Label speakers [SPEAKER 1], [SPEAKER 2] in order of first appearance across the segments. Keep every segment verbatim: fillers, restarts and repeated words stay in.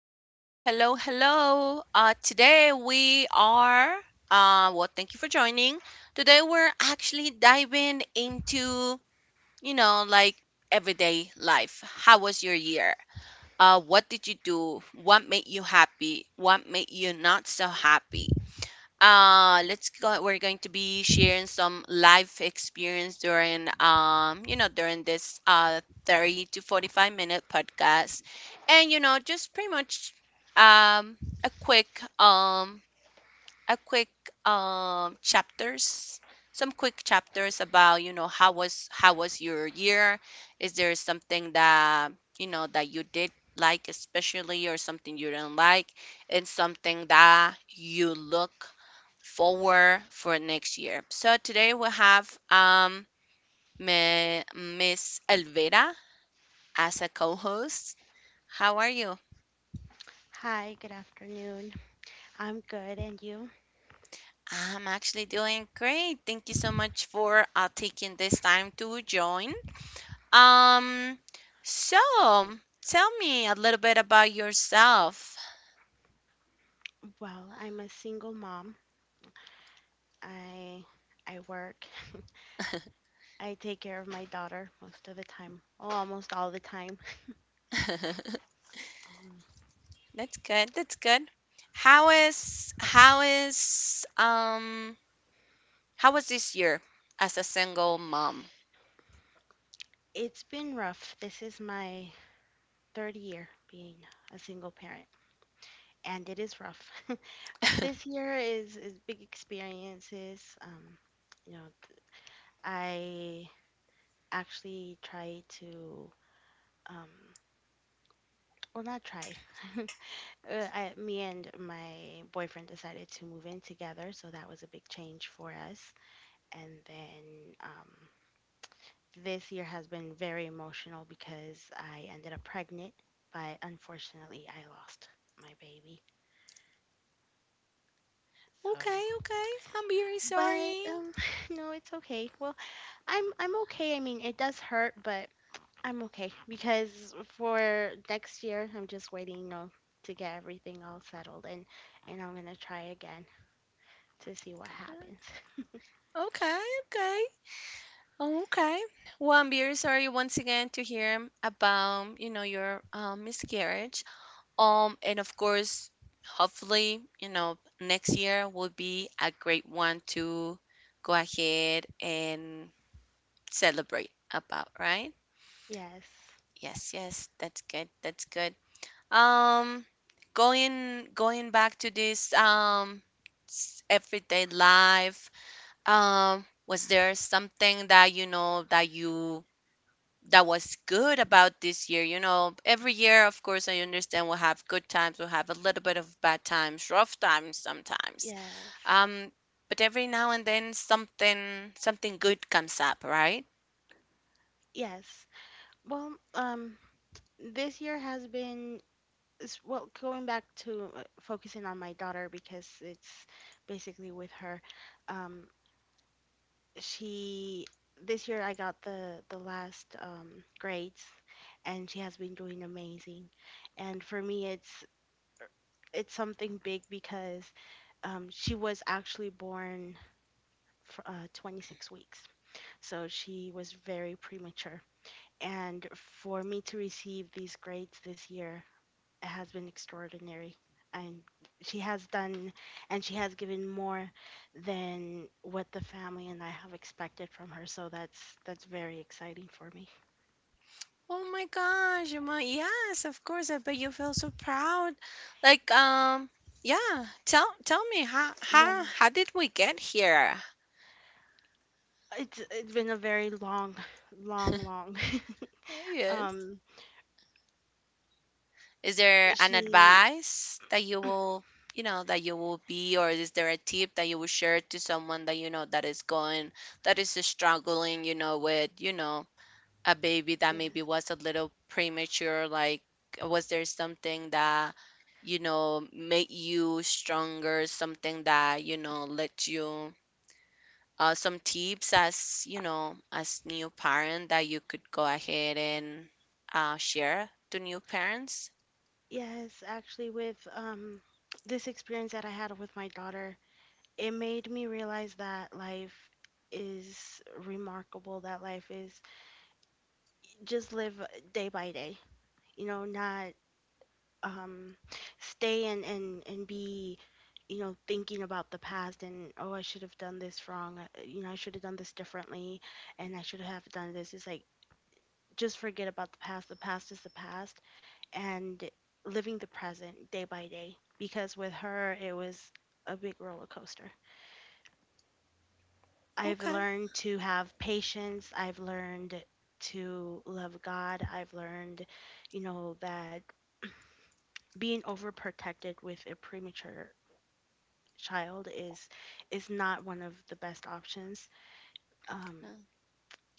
[SPEAKER 1] Hello, hello, hello. Uh, today we are, uh, well, thank you for joining. Today we're actually diving into, you know, like everyday life. How was your year? Uh, what did you do? What made you happy? What made you not so happy? Uh let's go. We're going to be sharing some life experience during um you know during this uh thirty to forty-five minute podcast. And you know just pretty much um a quick um a quick um chapters, some quick chapters about you know how was how was your year. Is there something that you know that you did, like, especially, or something you did not like? And something that you look forward for next year. So today we have um Mi- Miss Elvira as a co-host. How are you?
[SPEAKER 2] Hi, good afternoon. I'm good, and you?
[SPEAKER 1] I'm actually doing great. Thank you so much for uh, taking this time to join. Um, so tell me a little bit about yourself.
[SPEAKER 2] Well, I'm a single mom. I I work. I take care of my daughter most of the time. Oh, almost all the time. Um,
[SPEAKER 1] That's good. That's good. How is how is um how was this year as a single mom?
[SPEAKER 2] it's been rough. This is my third year being a single parent, and it is rough. This year is is big experiences. Um, you know, I actually tried to um, well, not tried. Uh, I, me and my boyfriend decided to move in together, so that was a big change for us. And then um, this year has been very emotional because I ended up pregnant, but unfortunately, I lost my baby. So,
[SPEAKER 1] Okay, okay. I'm very
[SPEAKER 2] but
[SPEAKER 1] sorry.
[SPEAKER 2] um, no, it's okay. Well, I'm I'm okay. I mean, it does hurt, but I'm okay because for next year, I'm just waiting, you know, to get everything all settled and and I'm gonna try again to see what
[SPEAKER 1] Uh,
[SPEAKER 2] happens.
[SPEAKER 1] Okay, okay. Okay. Well, I'm very sorry once again to hear about, you know, your um, miscarriage. Um, and of course, hopefully, you know, next year will be a great one to go ahead and celebrate about, right?
[SPEAKER 2] Yes,
[SPEAKER 1] Yes, yes, that's good. That's good. Um, going going back to this um s- everyday life. Um, was there something that you know that you that was good about this year? You know, every year, of course, I understand we'll have good times, we'll have a little bit of bad times, rough times sometimes.
[SPEAKER 2] yes,
[SPEAKER 1] Um, but every now and then something something good comes up, right?
[SPEAKER 2] yes. Well, um, this year has been s- well going back to uh, focusing on my daughter because it's basically with her. Um, she This year I got the the last um grades, and she has been doing amazing. And for me, it's it's something big because um, she was actually born for uh, 26 weeks, so she was very premature. And for me to receive these grades this year has been extraordinary. And she has done, and she has given more than what the family and I have expected from her. So that's that's very exciting for me.
[SPEAKER 1] Oh my gosh, you might, yes, of course, I bet you feel so proud. Like, um, yeah, tell tell me how
[SPEAKER 2] Yeah,
[SPEAKER 1] how how did we get here?
[SPEAKER 2] it's it's been a very long, long, long.
[SPEAKER 1] Yes.
[SPEAKER 2] um,
[SPEAKER 1] Is there an
[SPEAKER 2] she,
[SPEAKER 1] advice that you will, you know, that you will be, or is there a tip that you will share to someone that you know that is going, that is struggling, you know, with, you know, a baby that
[SPEAKER 2] yeah,
[SPEAKER 1] maybe was a little premature? Like, was there something that, you know, made you stronger? Something that, you know, let you, uh, some tips as, you know, as new parent that you could go ahead and uh, share to new parents?
[SPEAKER 2] yes, actually, with um this experience that I had with my daughter, it made me realize that life is remarkable, that life is just live day by day, you know not um stay and and and be, you know thinking about the past and, oh, I should have done this wrong, uh, you know I should have done this differently, and I should have done this. It's like, just forget about the past. The past is the past. And living the present day by day, because with her it was a big roller coaster. I've
[SPEAKER 1] Okay.
[SPEAKER 2] learned to have patience. I've learned to love God. I've learned, you know, that being overprotected with a premature child is is not one of the best options. Um,
[SPEAKER 1] Okay.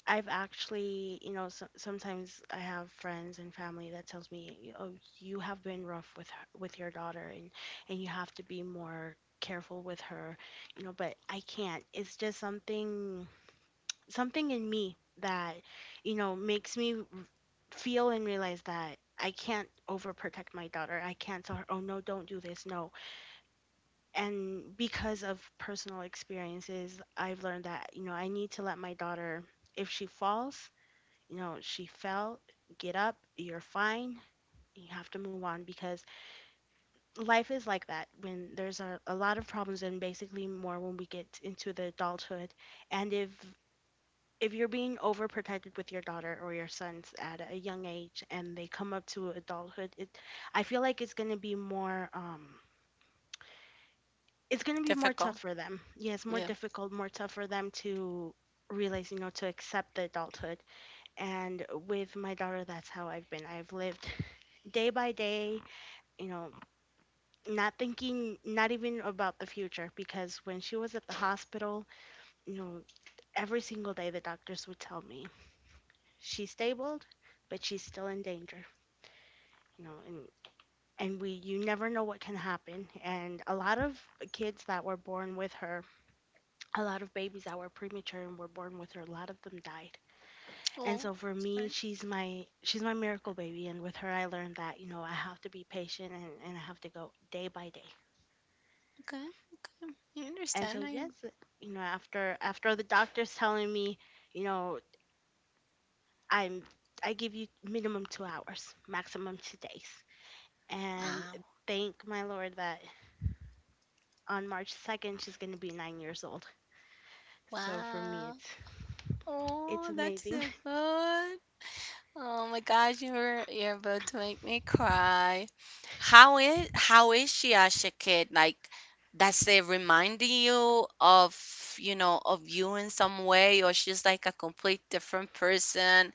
[SPEAKER 2] I've actually, you know, so, sometimes I have friends and family that tells me, "Oh, you have been rough with her, with your daughter, and and you have to be more careful with her," you know. But I can't. It's just something something in me that you know makes me r- feel and realize that I can't overprotect my daughter. I can't tell her, "Oh no, don't do this." No. And because of personal experiences, I've learned that, you know, I need to let my daughter, if she falls, you know, she fell, get up, you're fine. You have to move on because life is like that when there's a, a lot of problems, and basically more when we get into the adulthood. And if if you're being overprotected with your daughter or your sons at a young age and they come up to adulthood, it I feel like it's going to be more um it's going to be more
[SPEAKER 1] Difficult.
[SPEAKER 2] tough for them. Yeah, it's more
[SPEAKER 1] Yeah.
[SPEAKER 2] difficult, more tough for them to realize, you know to accept the adulthood. And with my daughter, that's how i've been I've lived, day by day, you know not thinking, not even about the future, because when she was at the hospital, you know every single day the doctors would tell me she's stable, but she's still in danger, you know, and and we you never know what can happen. And a lot of kids that were born with her, a lot of babies that were premature and were born with her, a lot of them died. And
[SPEAKER 1] Oh,
[SPEAKER 2] so for me,
[SPEAKER 1] sorry.
[SPEAKER 2] she's my she's my miracle baby, and with her I learned that, you know, I have to be patient, and, and I have to go day by day.
[SPEAKER 1] Okay, okay. I
[SPEAKER 2] And so
[SPEAKER 1] understand. I
[SPEAKER 2] yes, you know, after after the doctor's telling me, you know, I'm I give you minimum two hours, maximum two days. And
[SPEAKER 1] wow,
[SPEAKER 2] thank my Lord that on March second she's going to be nine years old. So for me
[SPEAKER 1] wow.
[SPEAKER 2] it's it's
[SPEAKER 1] Oh, that's
[SPEAKER 2] amazing.
[SPEAKER 1] a good. Oh my gosh, you're you're about to make me cry. How is how is she as a kid? Like, does it remind you of, you know, of you in some way, or she's like a complete different person?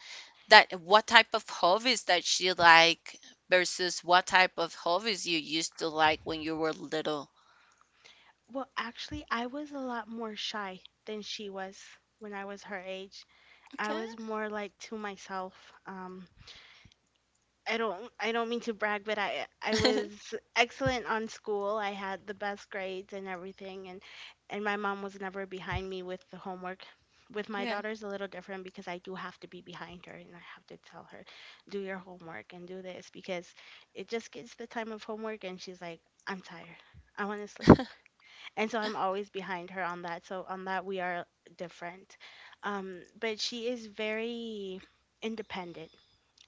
[SPEAKER 1] That what type of hobbies that she like versus what type of hobbies you used to like when you were little?
[SPEAKER 2] Well, actually I was a lot more shy than she was when I was her age. I
[SPEAKER 1] Okay.
[SPEAKER 2] was more like to myself. Um I don't I don't mean to brag, but I I was excellent on school. I had the best grades and everything, and and my mom was never behind me with the homework. With my
[SPEAKER 1] Yeah.
[SPEAKER 2] daughter's a little different because I do have to be behind her, and I have to tell her, do your homework and do this, because it just gets the time of homework and she's like, I'm tired. I want to sleep. And so I'm always behind her on that. So on that we are different. Um, but she is very independent.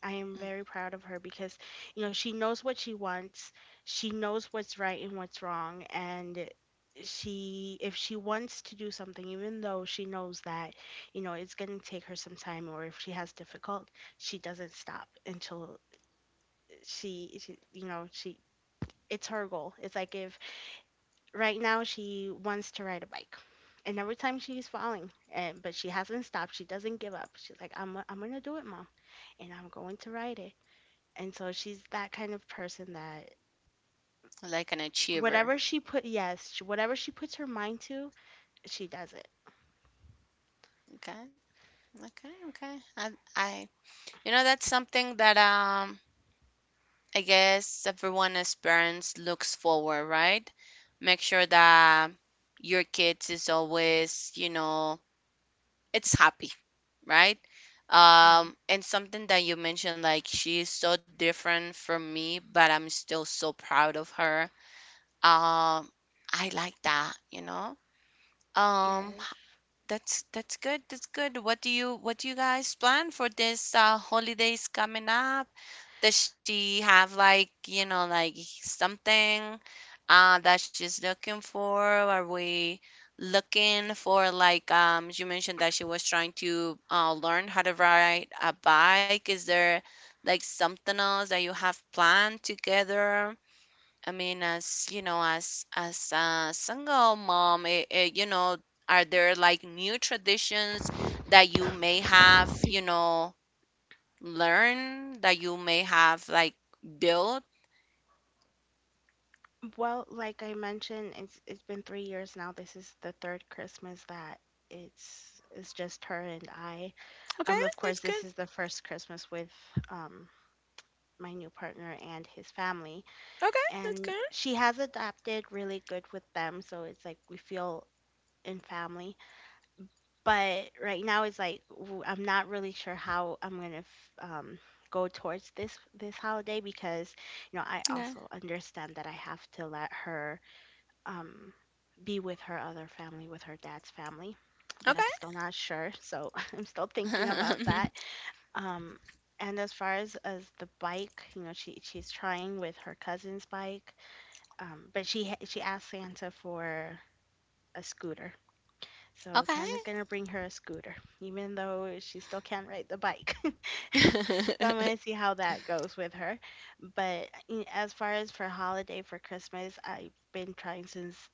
[SPEAKER 2] I am
[SPEAKER 1] Mm.
[SPEAKER 2] very proud of her because, you know, she knows what she wants. She knows what's right and what's wrong. And she, if she wants to do something, even though she knows that, you know, it's going to take her some time, or if she has difficult, she doesn't stop until she, she you know, she, it's her goal. It's like, if right now she wants to ride a bike. And every time she's falling, and but she hasn't stopped. She doesn't give up. She's like, I'm, I'm, gonna do it, mom, and I'm going to ride it, and so she's that kind of person that,
[SPEAKER 1] Like an achiever.
[SPEAKER 2] whatever she put, yes, sh- whatever she puts her mind to, she does it.
[SPEAKER 1] Okay. Okay. Okay. I I You know, that's something that um I guess everyone as parents looks forward, right? Make sure that your kids is always, you know, it's happy, right?
[SPEAKER 2] Yes,
[SPEAKER 1] Um, and something that you mentioned, like, she is so different from me, but I'm still so proud of her. Um, I like that, you know. Um,
[SPEAKER 2] yes.
[SPEAKER 1] h- that's that's good. That's good. What do you what do you guys plan for this uh, holidays coming up? Does she have like, you know, like something? Uh, that she's looking for? Are we looking for like um you mentioned that she was trying to uh, learn how to ride a bike? Is there like something else that you have planned together? I mean, as you know, as as a single mom, eh, eh, you know, are there like new traditions that you may have, you know, learn that you may have like built?
[SPEAKER 2] Well, like I mentioned, it's it's been three years now. This is the third Christmas that it's it's just her and I.
[SPEAKER 1] Okay,
[SPEAKER 2] Um, of course,
[SPEAKER 1] that's good.
[SPEAKER 2] this is the first Christmas with um my new partner and his family,
[SPEAKER 1] Okay, that's
[SPEAKER 2] and
[SPEAKER 1] good.
[SPEAKER 2] she has adapted really good with them. So it's like we feel in family, but right now it's like, w- I'm not really sure how I'm gonna f- um, go towards this this holiday, because you know I
[SPEAKER 1] Okay.
[SPEAKER 2] also understand that I have to let her um, be with her other family, with her dad's family, but
[SPEAKER 1] Okay.
[SPEAKER 2] I'm still not sure, so I'm still thinking about
[SPEAKER 1] Okay.
[SPEAKER 2] that. Um, and as far as, as the bike, you know, she she's trying with her cousin's bike, um, but she ha- she asked Santa for a scooter. So Santa's gonna bring her a scooter, even though she still can't ride the bike. So I'm gonna see how that goes with her. But y- as far as for holiday for Christmas, I've been trying since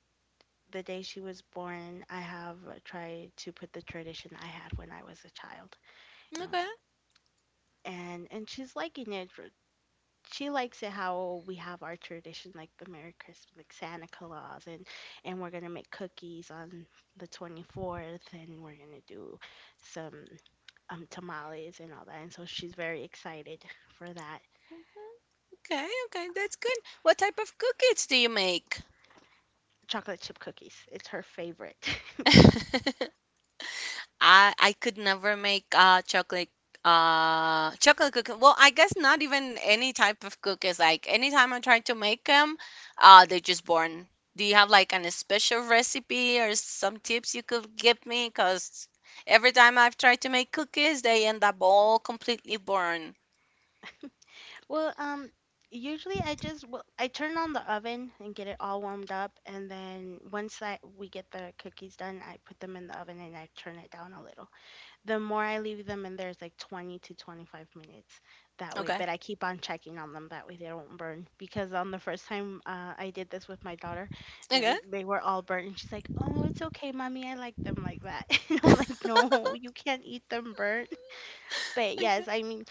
[SPEAKER 2] the day she was born. I have uh, tried to put the tradition I had when I was a child, you know,
[SPEAKER 1] Okay.
[SPEAKER 2] and and she's liking it she likes it how we have our tradition, like the Merry Christmas, like Santa Claus, and and we're gonna make cookies on the twenty-fourth, and we're gonna do some um tamales and all that. And so she's very excited for that.
[SPEAKER 1] Okay. Okay. That's good. What type of cookies do you make?
[SPEAKER 2] Chocolate chip cookies, it's her favorite.
[SPEAKER 1] I I could never make uh chocolate uh chocolate cookie. Well, I guess not even any type of cookies. Like, anytime I try to make them, uh they're just born. Do you have like an special recipe or some tips you could give me? Because every time I've tried to make cookies, they end up all completely born.
[SPEAKER 2] Well, um, usually I just, well, I turn on the oven and get it all warmed up, and then once I we get the cookies done, I put them in the oven and I turn it down a little. The more I leave them in there is like twenty to twenty-five minutes that way,
[SPEAKER 1] Okay.
[SPEAKER 2] but I keep on checking on them that way they don't burn. Because on the first time uh, I did this with my daughter, you know,
[SPEAKER 1] Okay.
[SPEAKER 2] they were all burnt, and she's like, "Oh, it's okay, mommy, I like them like that." And I'm like, "No, you can't eat them burnt." But
[SPEAKER 1] Okay.
[SPEAKER 2] yes, I mean,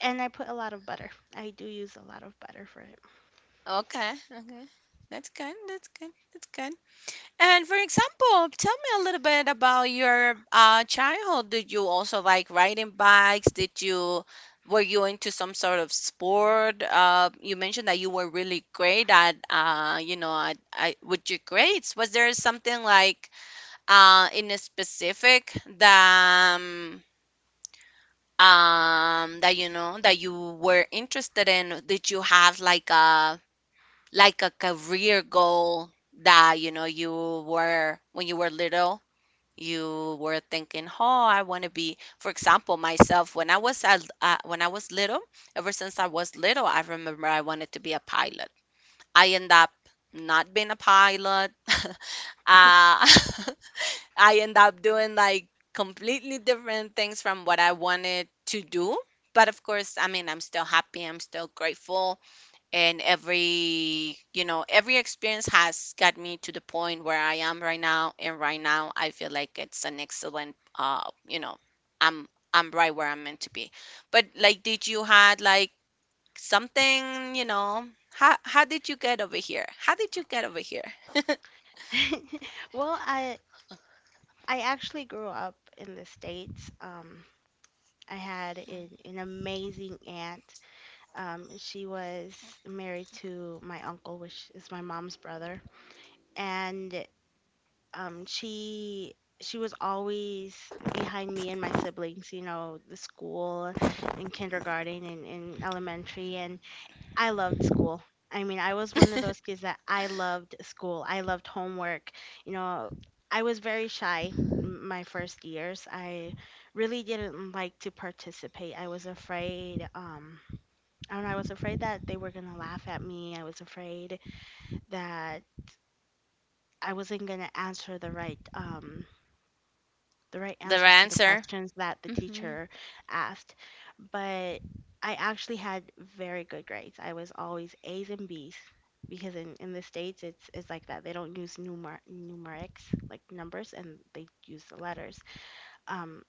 [SPEAKER 2] and I put a lot of butter. I do use a lot of butter for
[SPEAKER 1] Okay. Okay. That's good. That's good. That's good. And for example, tell me a little bit about your uh, childhood. Did you also like riding bikes? Did you, were you into some sort of sport? Uh, you mentioned that you were really great at uh, you know, at, at, with your grades. Was there something like uh in a specific that um, um that you know that you were interested in? Did you have like a like a career goal that you know, you were, when you were little, you were thinking, oh, I want to be? For example, myself, when I was a, uh, when I was little, ever since I was little, I remember I wanted to be a pilot. I end up not being a pilot. uh, I end up doing like completely different things from what I wanted to do. But, of course, I mean, I'm still happy, I'm still grateful. And every, you know, every experience has got me to the point where I am right now, and right now I feel like it's an excellent uh you know, i'm i'm right where I'm meant to be. But, like, did you had like something, you know, how how did you get over here? How did you get over here? The
[SPEAKER 2] it. Well, I I actually grew up in the States. Um, I had an, an amazing aunt. Um, she was married to my uncle, which is my mom's brother, and um, she she was always behind me and my siblings. You know, the school, in kindergarten and in elementary, and I loved school. I mean, I was one of those kids that I loved school. I loved homework. You know, I was very shy m- my first years. I really didn't like to participate. I was afraid. Um, I don't know, I was afraid that they were gonna laugh at me. I was afraid that I wasn't gonna answer the right um the right answers
[SPEAKER 1] right
[SPEAKER 2] to the
[SPEAKER 1] answer.
[SPEAKER 2] questions that the
[SPEAKER 1] Mm-hmm.
[SPEAKER 2] teacher asked. But I actually had very good grades. I was always A's and B's, because in, in the States it's it's like that. They don't use numer numerics, like numbers, and they use the letters. Um,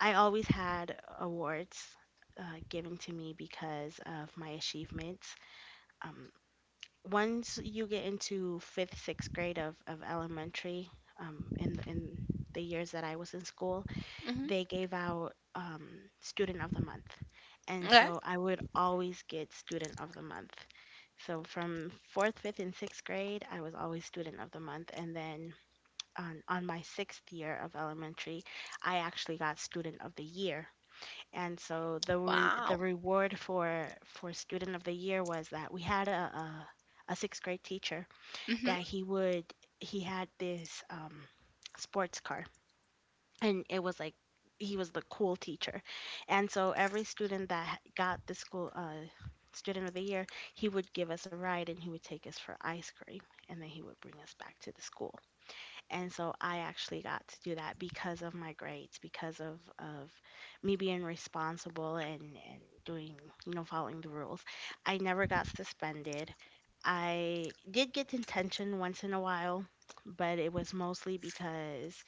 [SPEAKER 2] I always had awards uh, given to me because of my achievements. Um, Once you get into fifth, sixth grade of, of elementary, um, in the, in the years that I was in school,
[SPEAKER 1] Mm-hmm.
[SPEAKER 2] they gave out um, student of the month, and
[SPEAKER 1] Okay.
[SPEAKER 2] so I would always get student of the month. So from fourth, fifth, and sixth grade, I was always student of the month, and then on on my sixth year of elementary, I actually got student of the year, and so the re the
[SPEAKER 1] Wow.
[SPEAKER 2] reward for for student of the year was that we had a a, a sixth grade teacher
[SPEAKER 1] Mm-hmm.
[SPEAKER 2] that he would he had this um sports car, and it was like he was the cool teacher. And so every student that got the school uh student of the year, he would give us a ride and he would take us for ice cream, and then he would bring us back to the school. And so I actually got to do that because of my grades, because of of me being responsible and and doing, you know, following the rules. I never got suspended. I did get detention once in a while, but it was mostly because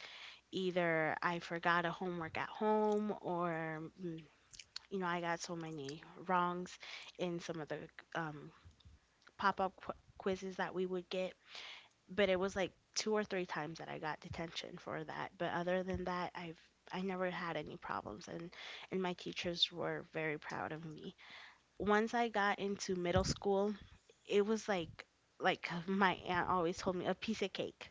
[SPEAKER 2] either I forgot a homework at home, or mm, you know, I got so many wrongs in some of the um, pop-up qu- quizzes that we would get, but it was like two or three times that I got detention for that. But other than that, I've I never had any problems, and and my teachers were very proud of me. Once I got into middle school, it was like like my aunt always told me, a piece of cake,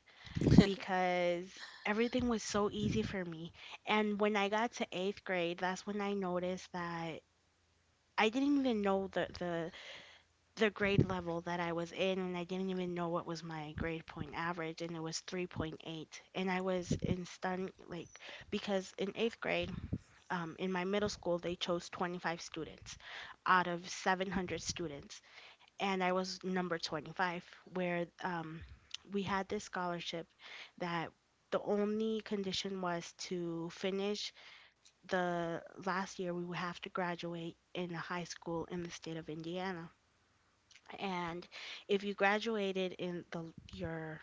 [SPEAKER 2] because everything was so easy for me. And when I got to eighth grade, that's when I noticed that I didn't even know the the the grade level that I was in, and I didn't even know what was my grade point average, and it was three point eight. And I was in stun, like, because in eighth grade, um, in my middle school, they chose twenty-five students out of seven hundred students, and I was number twenty-five, where um, we had this scholarship that the only condition was to finish the last year. We would have to graduate in a high school in the state of Indiana. And if you graduated in the your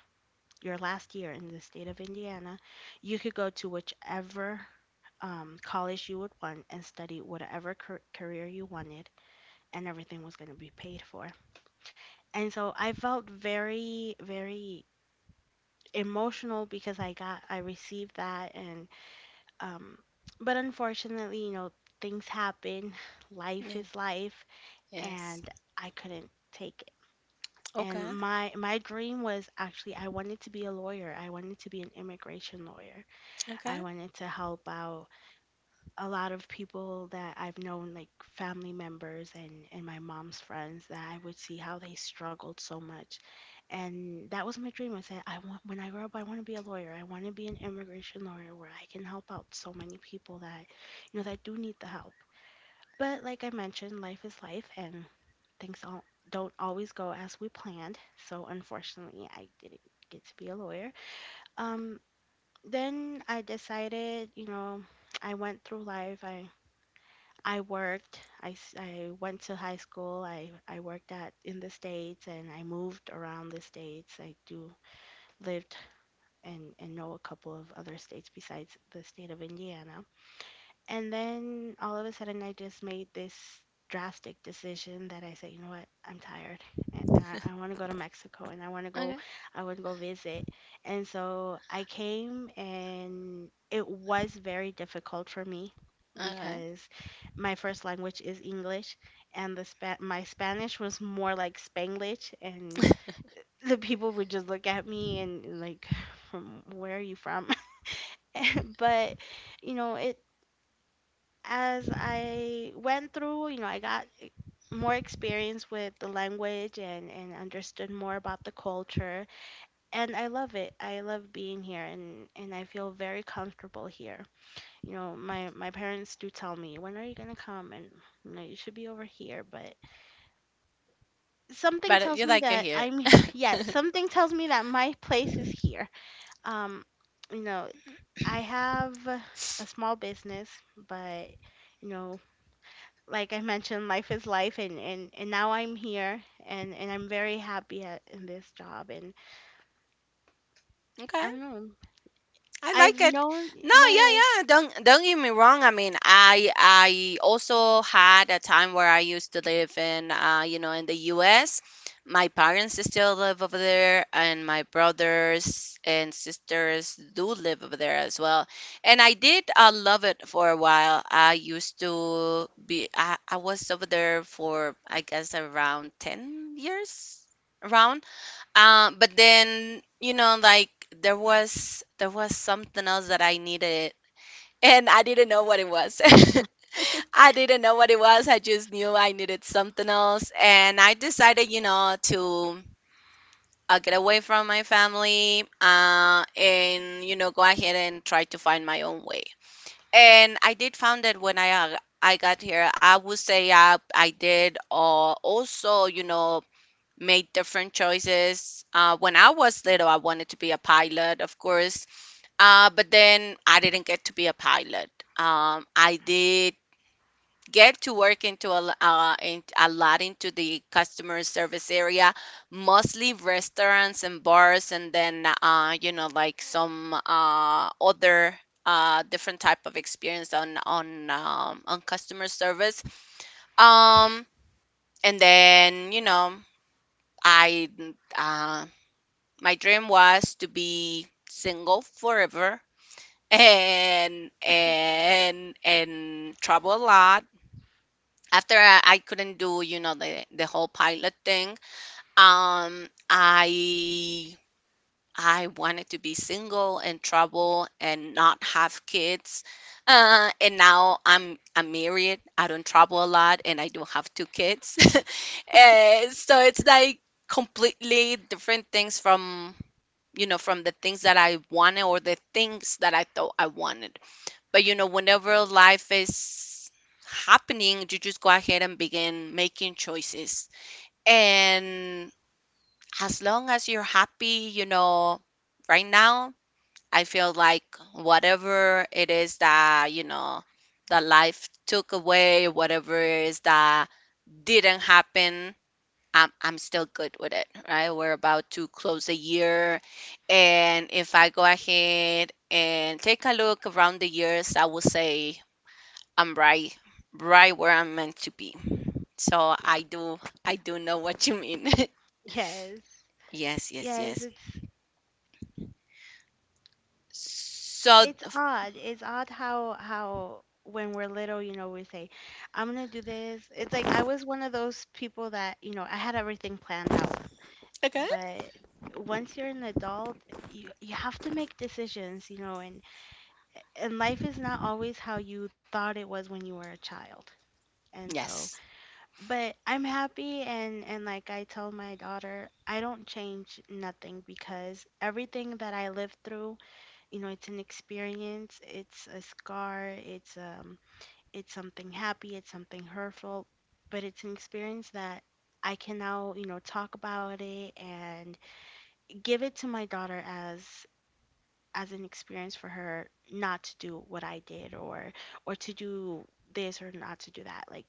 [SPEAKER 2] your last year in the state of Indiana, you could go to whichever um, college you would want and study whatever car- career you wanted, and everything was going to be paid for. And so I felt very, very emotional because I got I received that, and um, but unfortunately, you know, things happen. Life
[SPEAKER 1] Yeah.
[SPEAKER 2] is life,
[SPEAKER 1] Yes.
[SPEAKER 2] and I couldn't take. And
[SPEAKER 1] Okay.
[SPEAKER 2] my my dream was, actually, I wanted to be a lawyer. I wanted to be an immigration lawyer.
[SPEAKER 1] Okay.
[SPEAKER 2] I wanted to help out a lot of people that I've known, like family members and and my mom's friends, that I would see how they struggled so much. And that was my dream. I said, I want, when I grow up, I want to be a lawyer. I want to be an immigration lawyer where I can help out so many people that, you know, that do need the help. But like I mentioned, life is life, and things all, don't always go as we planned, so unfortunately, I didn't get to be a lawyer. Um, then I decided, you know, I went through life. I I worked. I, s- I went to high school. I, I worked at in the states, and I moved around the states. I do lived and and know a couple of other states besides the state of Indiana. And then all of a sudden, I just made this drastic decision that I said, you know what, I'm tired. And and I, I want to go to Mexico, and I want to go,
[SPEAKER 1] Okay.
[SPEAKER 2] I want to go visit. And so I came, and it was very difficult for me
[SPEAKER 1] Okay.
[SPEAKER 2] because my first language is English, and the spa- my Spanish was more like Spanglish, and the people would just look at me and like, from where are you from? But you know, it as I went through, you know, I got more experience with the language and, and understood more about the culture. And I love it. I love being here, and, and I feel very comfortable here. You know, my, my parents do tell me, when are you going to come? And, you know, you should be over here. But something
[SPEAKER 1] But, uh,
[SPEAKER 2] tells
[SPEAKER 1] you
[SPEAKER 2] me
[SPEAKER 1] like it
[SPEAKER 2] that
[SPEAKER 1] here.
[SPEAKER 2] I'm, yeah, something tells me that my place is here. Um, you know, I have a small business, but, you know, like I mentioned, life is life, and, and, and now I'm here, and, and I'm very happy at, in this job. And I
[SPEAKER 1] Okay.
[SPEAKER 2] don't know,
[SPEAKER 1] I
[SPEAKER 2] I've
[SPEAKER 1] like it.
[SPEAKER 2] known,
[SPEAKER 1] No, yeah,
[SPEAKER 2] yes,
[SPEAKER 1] yeah. Don't don't get me wrong. I mean, I I also had a time where I used to live in uh, you know, in the U S. My parents still live over there, and my brothers and sisters do live over there as well. And I did uh, love it for a while. I used to be I, I was over there for, I guess, around ten years. Around um, But then, you know, like, there was there was something else that I needed, and I didn't know what it was. I didn't know what it was. I just knew I needed something else, and I decided, you know, to uh, get away from my family, uh, and you know, go ahead and try to find my own way. And I did found it when I uh, I got here. I would say I I did, uh, also, you know, made different choices. Uh, when I was little, I wanted to be a pilot, of course, uh, but then I didn't get to be a pilot. Um, I did get to work into a, l- uh, in, a lot into the customer service area, mostly restaurants and bars, and then uh, you know, like, some uh, other. Uh, different type of experience on on um, on customer service. Um and then you know I uh, My dream was to be single forever, and and and travel a lot. After I, I couldn't do, you know, the the whole pilot thing, um, I I wanted to be single and travel and not have kids. Uh, and now I'm I'm married. I don't travel a lot, and I do have two kids. And so it's like completely different things from, you know, from the things that I wanted or the things that I thought I wanted. But, you know, whenever life is happening, you just go ahead and begin making choices. And as long as you're happy, you know, right now, I feel like whatever it is that, you know, that life took away, whatever it is that didn't happen, I'm I'm still good with it, right? We're about to close a year, and if I go ahead and take a look around the years, I will say I'm right, right where I'm meant to be. So I do, I do know what you mean.
[SPEAKER 2] yes,
[SPEAKER 1] Yes, yes,
[SPEAKER 2] yes.
[SPEAKER 1] yes.
[SPEAKER 2] It's
[SPEAKER 1] So
[SPEAKER 2] it's odd. It's odd how how when we're little, you know, we say, "I'm gonna do this." It's like I was one of those people that you know I had everything planned out,
[SPEAKER 1] okay.
[SPEAKER 2] but once you're an adult, you you have to make decisions, you know, and and life is not always how you thought it was when you were a child. And
[SPEAKER 1] Yes,
[SPEAKER 2] so but I'm happy, and and like I tell my daughter, I don't change nothing, because everything that I lived through, you know, it's an experience, it's a scar, it's um it's something happy, it's something hurtful, but it's an experience that I can now, you know, talk about it and give it to my daughter as as an experience for her not to do what I did, or or to do this or not to do that, like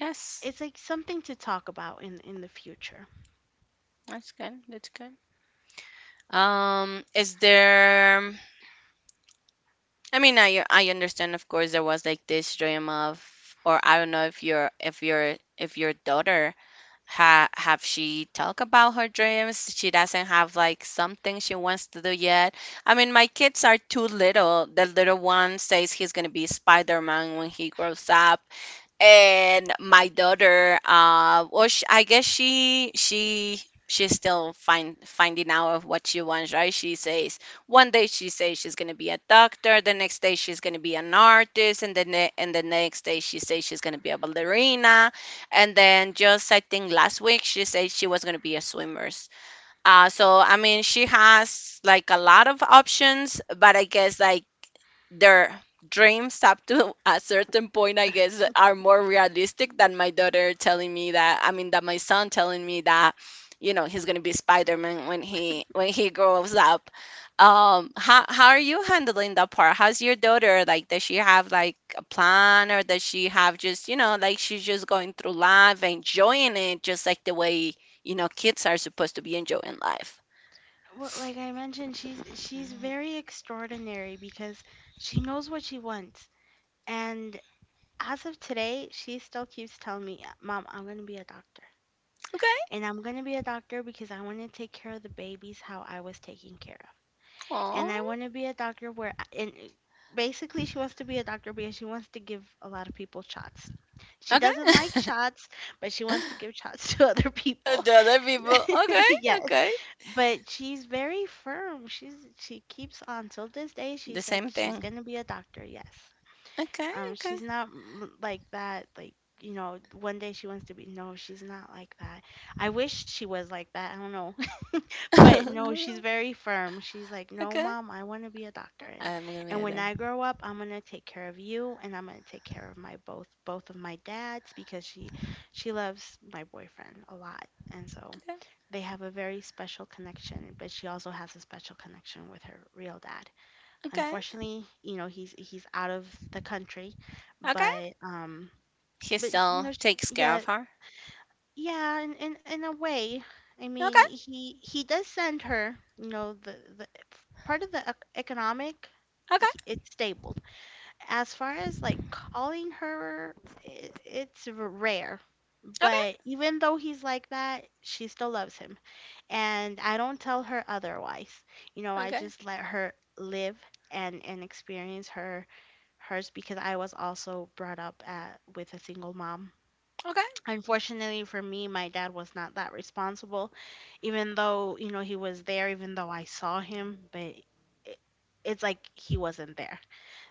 [SPEAKER 1] yes,
[SPEAKER 2] it's like something to talk about in in the future.
[SPEAKER 1] that's good. That's good. Um, is there? I mean, I I understand, of course, there was like this dream of, or I don't know if your if your if your daughter ha- have, she talk about her dreams? She doesn't have like something she wants to do yet. I mean, my kids are too little. The little one says he's gonna be Spider-Man when he grows up, and my daughter, uh well sh I guess she she she's still find finding out of what she wants, right? She says one day she says she's gonna be a doctor, the next day she's gonna be an artist, and then ne- and the next day she says she's gonna be a ballerina, and then just I think last week she said she was gonna be a swimmer. Uh so I mean, she has like a lot of options, but I guess like their dreams up to a certain point, I guess, are more realistic than my daughter telling me that, I mean, that my son telling me that, you know, he's gonna be Spider-Man when he when he grows up. Um, how how are you handling that part? How's your daughter? Like, does she have like a plan, or does she have just, you know, like she's just going through life, enjoying it, just like the way, you know, kids are supposed to be enjoying life?
[SPEAKER 2] Well, like I mentioned, she's she's very extraordinary because she knows what she wants. And as of today, she still keeps telling me, "Mom, I'm gonna be a doctor,
[SPEAKER 1] Okay.
[SPEAKER 2] and I'm gonna be a doctor because I want to take care of the babies how I was taken care of,
[SPEAKER 1] Aw.
[SPEAKER 2] and I want to be a doctor where I, and." uh, Basically, she wants to be a doctor because she wants to give a lot of people shots. She
[SPEAKER 1] Okay.
[SPEAKER 2] doesn't like shots, but she wants to give shots to other
[SPEAKER 1] And
[SPEAKER 2] people.
[SPEAKER 1] the other people, okay, okay,
[SPEAKER 2] But she's very firm. She's she keeps on till this day. She
[SPEAKER 1] the
[SPEAKER 2] said
[SPEAKER 1] same
[SPEAKER 2] she's
[SPEAKER 1] thing.
[SPEAKER 2] gonna be a doctor. Yes.
[SPEAKER 1] Okay,
[SPEAKER 2] Um,
[SPEAKER 1] okay,
[SPEAKER 2] she's not mm, like that. Like you know, one day she wants to be. No, she's not like that. I wish she was like that. I don't know. But no, she's very firm. She's like, "No,
[SPEAKER 1] okay.
[SPEAKER 2] mom, I want to be a doctor, and
[SPEAKER 1] I'm gonna
[SPEAKER 2] and
[SPEAKER 1] be
[SPEAKER 2] when
[SPEAKER 1] like,
[SPEAKER 2] I grow up, I'm gonna take care of you, and I'm gonna take care of my both both of my dads," because she she loves my boyfriend a lot, and so
[SPEAKER 1] okay,
[SPEAKER 2] they have a very special connection. But she also has a special connection with her real dad.
[SPEAKER 1] okay,
[SPEAKER 2] Unfortunately, you know, he's he's out of the country,
[SPEAKER 1] okay.
[SPEAKER 2] but um,
[SPEAKER 1] He
[SPEAKER 2] but sh- you
[SPEAKER 1] still
[SPEAKER 2] know, she,
[SPEAKER 1] takes care
[SPEAKER 2] yeah,
[SPEAKER 1] of her.
[SPEAKER 2] yeah, in, in in a way, I mean,
[SPEAKER 1] Okay,
[SPEAKER 2] he he does send her, you know, the the f- part of the ec- economic, he,
[SPEAKER 1] okay,
[SPEAKER 2] it's stable. As far as like calling her, I it's r- rare. But
[SPEAKER 1] okay,
[SPEAKER 2] even though he's like that, she still loves him, and I don't tell her otherwise. You know, I
[SPEAKER 1] okay,
[SPEAKER 2] just let her live and and experience her hers, because I was also brought up at with a single mom.
[SPEAKER 1] okay,
[SPEAKER 2] Unfortunately for me, my dad was not that responsible, even though, you know, he was there, even though I saw him, but it, it's like he wasn't there.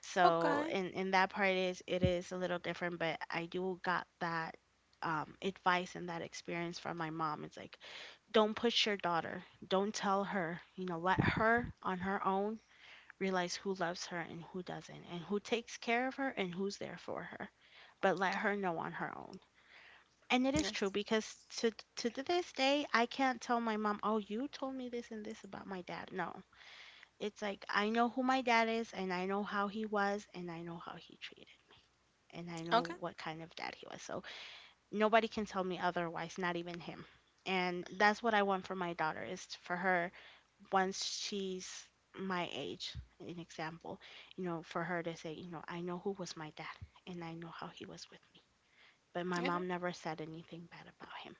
[SPEAKER 2] So
[SPEAKER 1] okay.
[SPEAKER 2] in in that part is it is a little different, but I do got that um, advice and that experience from my mom. It's like, don't push your daughter. Don't tell her. You know, let her on her own realize who loves her and who doesn't, and who takes care of her and who's there for her. But let her know on her own. And it is true
[SPEAKER 1] Yes.
[SPEAKER 2] because to to this day I can't tell my mom, "Oh, you told me this and this about my dad." No. It's like I know who my dad is, and I know how he was, and I know how he treated, and I know
[SPEAKER 1] Okay,
[SPEAKER 2] what kind of dad he was. So nobody can tell me otherwise, not even him. And that's what I want for my daughter, is for her once she's my age, an example, you know, for her to say, you know, I know who was my dad and I know how he was with me. But my
[SPEAKER 1] okay,
[SPEAKER 2] mom never said anything bad about him.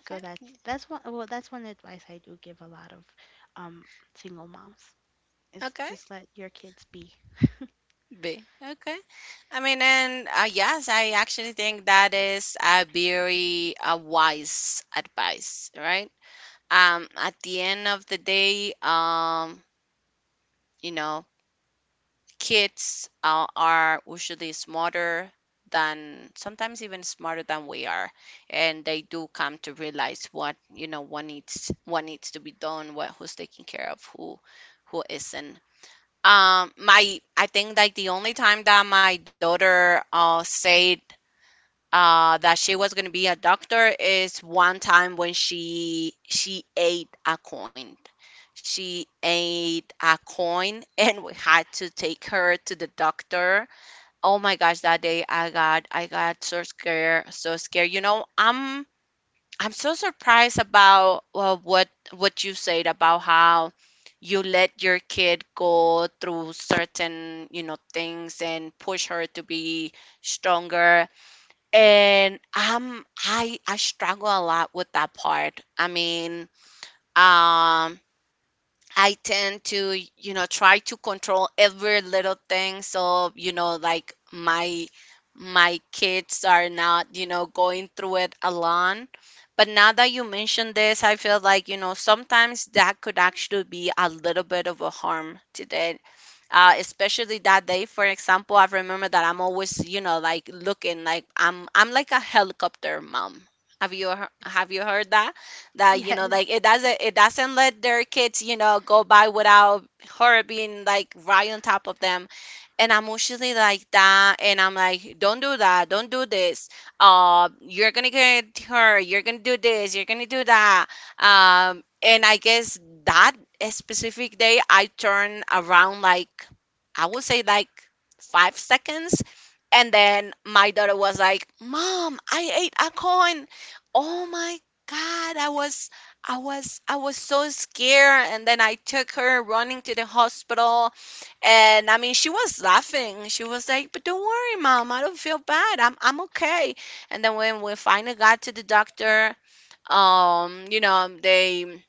[SPEAKER 2] So that's
[SPEAKER 1] yeah,
[SPEAKER 2] that's one well that's one advice I do give a lot of um single moms, is
[SPEAKER 1] okay.
[SPEAKER 2] just let your kids be.
[SPEAKER 1] B. Okay. I mean, and uh, yes, I actually think that is a very uh, wise advice, right? Um, at the end of the day, um, you know, kids uh, are usually smarter than sometimes even smarter than we are, and they do come to realize what you know what needs what needs to be done, what, who's taking care of who who isn't. Um my i think like the only time that my daughter uh said uh that she was going to be a doctor is one time when she she ate a coin, she ate a coin, and we had to take her to the doctor. Oh my gosh, that day I got I got so scared, so scared. You know, I'm I'm so surprised about, well, what what you said about how you let your kid go through certain, you know, things, and push her to be stronger. And um I I struggle a lot with that part. I mean, um I tend to, you know, try to control every little thing. So, you know, like my my kids are not, you know, going through it alone. But now that you mentioned this, I feel like, you know, sometimes that could actually be a little bit of a harm to them, uh, especially that day, for example. I remember that i'm always, you know, like looking, like I'm I'm like a helicopter mom. have you hear- have you heard that? That, you know,
[SPEAKER 2] Yes,
[SPEAKER 1] like it doesn't it doesn't let their kids, you know, go by without her being like right on top of them. And i'm usually like that, and i'm like, don't do that, don't do this, uh you're gonna get hurt, you're gonna do this, you're gonna do that. Um, and I guess that specific day, I turned around, like, I would say like five seconds. And then my daughter was like, Mom, I ate a coin. Oh my God, I was. I was I was so scared, and then I took her running to the hospital, and I mean, she was laughing. She was like, "But don't worry, mom. I don't feel bad. I'm I'm okay." And then when we finally got to the doctor, um you know um, they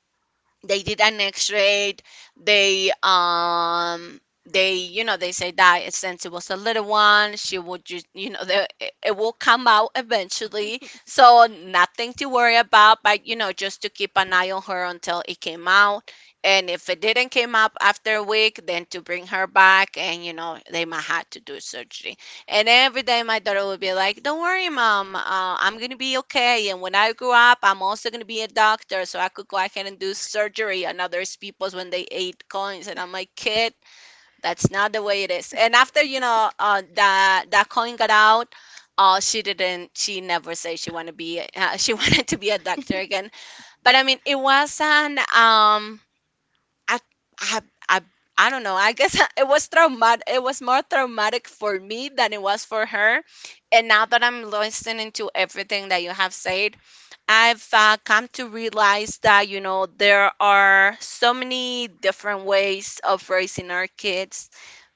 [SPEAKER 1] they did an x-ray. They, um they, you know, they say that since it was a little one, she would just, you know, the, it it will come out eventually, so nothing to worry about, but you know, just to keep an eye on her until it came out. And if it didn't came up after a week, then to bring her back, and you know, they might have to do surgery. And every day my daughter would be like, Don't worry, mom, uh, I'm gonna be okay. And when I grow up, I'm also gonna be a doctor, so I could go ahead and do surgery on other people's when they ate coins. And I'm like, Kid, that's not the way it is. And after, you know, uh, that that coin got out, uh, she didn't, she never said she wanted to be, uh, she wanted to be a doctor again. But I mean, it was an, um, I, I, I, I don't know. I guess it was traumatic. It was more traumatic for me than it was for her. And now that I'm listening to everything that you have said, I've, uh, come to realize that, you know, there are so many different ways of raising our kids.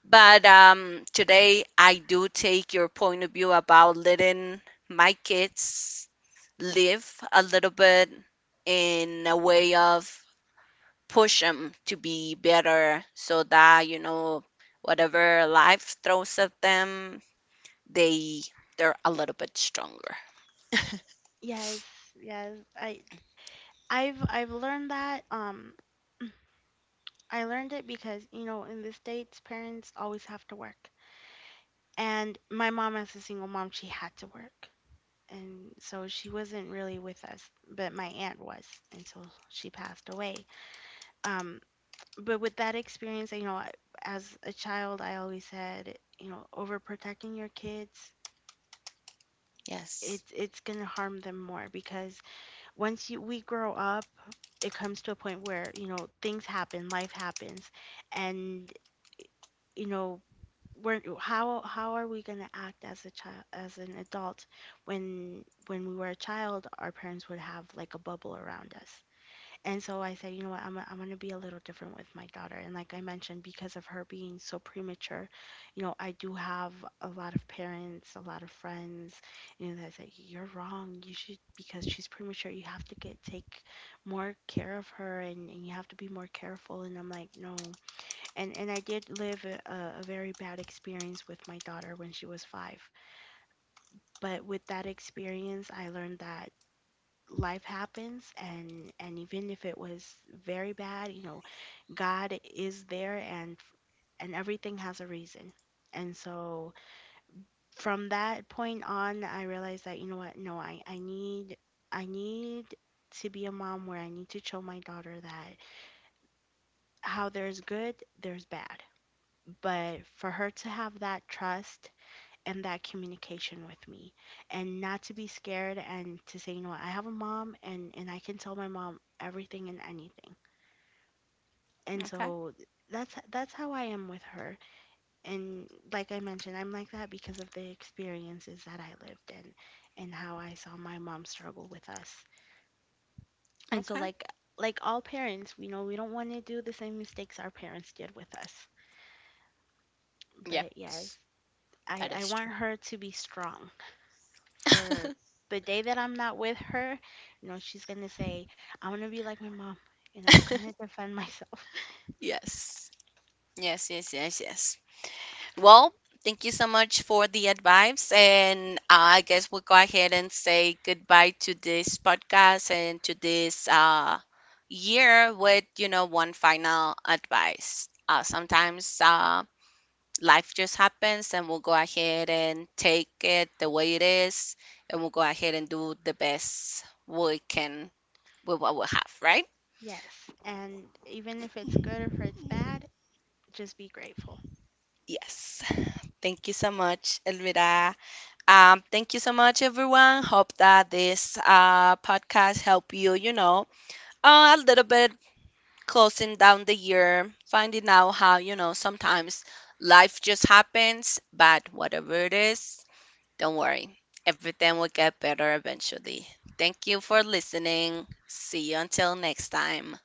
[SPEAKER 1] But um, today, I do take your point of view about letting my kids live a little bit, in a way of push them to be better, so that, you know, whatever life throws at them, they, they're a little bit stronger.
[SPEAKER 2] yes, yes. I I've I've learned that um I learned it because you know in the States parents always have to work. And my mom as a single mom, she had to work. And so she wasn't really with us, but my aunt was until she passed away. Um but with that experience, you know, I- as a child, I always said, you know, overprotecting your kids,
[SPEAKER 1] Yes.
[SPEAKER 2] it's it's gonna harm them more, because once you we grow up, it comes to a point where, you know, things happen, life happens, and you know, we're how how are we gonna act as a child as an adult when when we were a child, our parents would have like a bubble around us. And so I said, you know what, I'm, I'm going to be a little different with my daughter. And like I mentioned, because of her being so premature, you know, I do have a lot of parents, a lot of friends, you know, that say, you're wrong. You should, because she's premature, you have to get, take more care of her, and, and you have to be more careful. And I'm like, no. And, and I did live a, a a very bad experience with my daughter when she was five. But with that experience, I learned that life happens, and and even if it was very bad, you know, God is there, and and everything has a reason. And so from that point on, I realized that, you know what, no, I, I need I need to be a mom where I need to show my daughter that how there's good, there's bad. But for her to have that trust and that communication with me, and not to be scared and to say, you know what, I have a mom, and, and I can tell my mom everything and anything. And
[SPEAKER 1] Okay,
[SPEAKER 2] so that's that's how I am with her, and like I mentioned, I'm like that because of the experiences that I lived in and how I saw my mom struggle with us. And so
[SPEAKER 1] okay.
[SPEAKER 2] like like all parents, we know we don't want to do the same mistakes our parents did with us. But yes,
[SPEAKER 1] Yes,
[SPEAKER 2] I
[SPEAKER 1] that
[SPEAKER 2] I
[SPEAKER 1] is
[SPEAKER 2] want her to be strong for
[SPEAKER 1] true.
[SPEAKER 2] the day that I'm not with her, you know, she's going to say, "I want to be like my mom." And I'm gonna defend myself.
[SPEAKER 1] Yes, yes, yes, yes, yes. Well, thank you so much for the advice. And uh, I guess we'll go ahead and say goodbye to this podcast, and to this uh, year, with, you know, one final advice. Uh, sometimes uh, life just happens, and we'll go ahead and take it the way it is, and we'll go ahead and do the best we can with what we have, right?
[SPEAKER 2] Yes. And even if it's good or if it's bad, just be grateful.
[SPEAKER 1] Yes. Thank you so much, Elvira. Um, thank you so much, everyone. Hope that this uh, podcast helped you, you know, uh, a little bit, closing down the year, finding out how, you know, sometimes life just happens, but whatever it is, don't worry. Everything will get better eventually. Thank you for listening. See you until next time.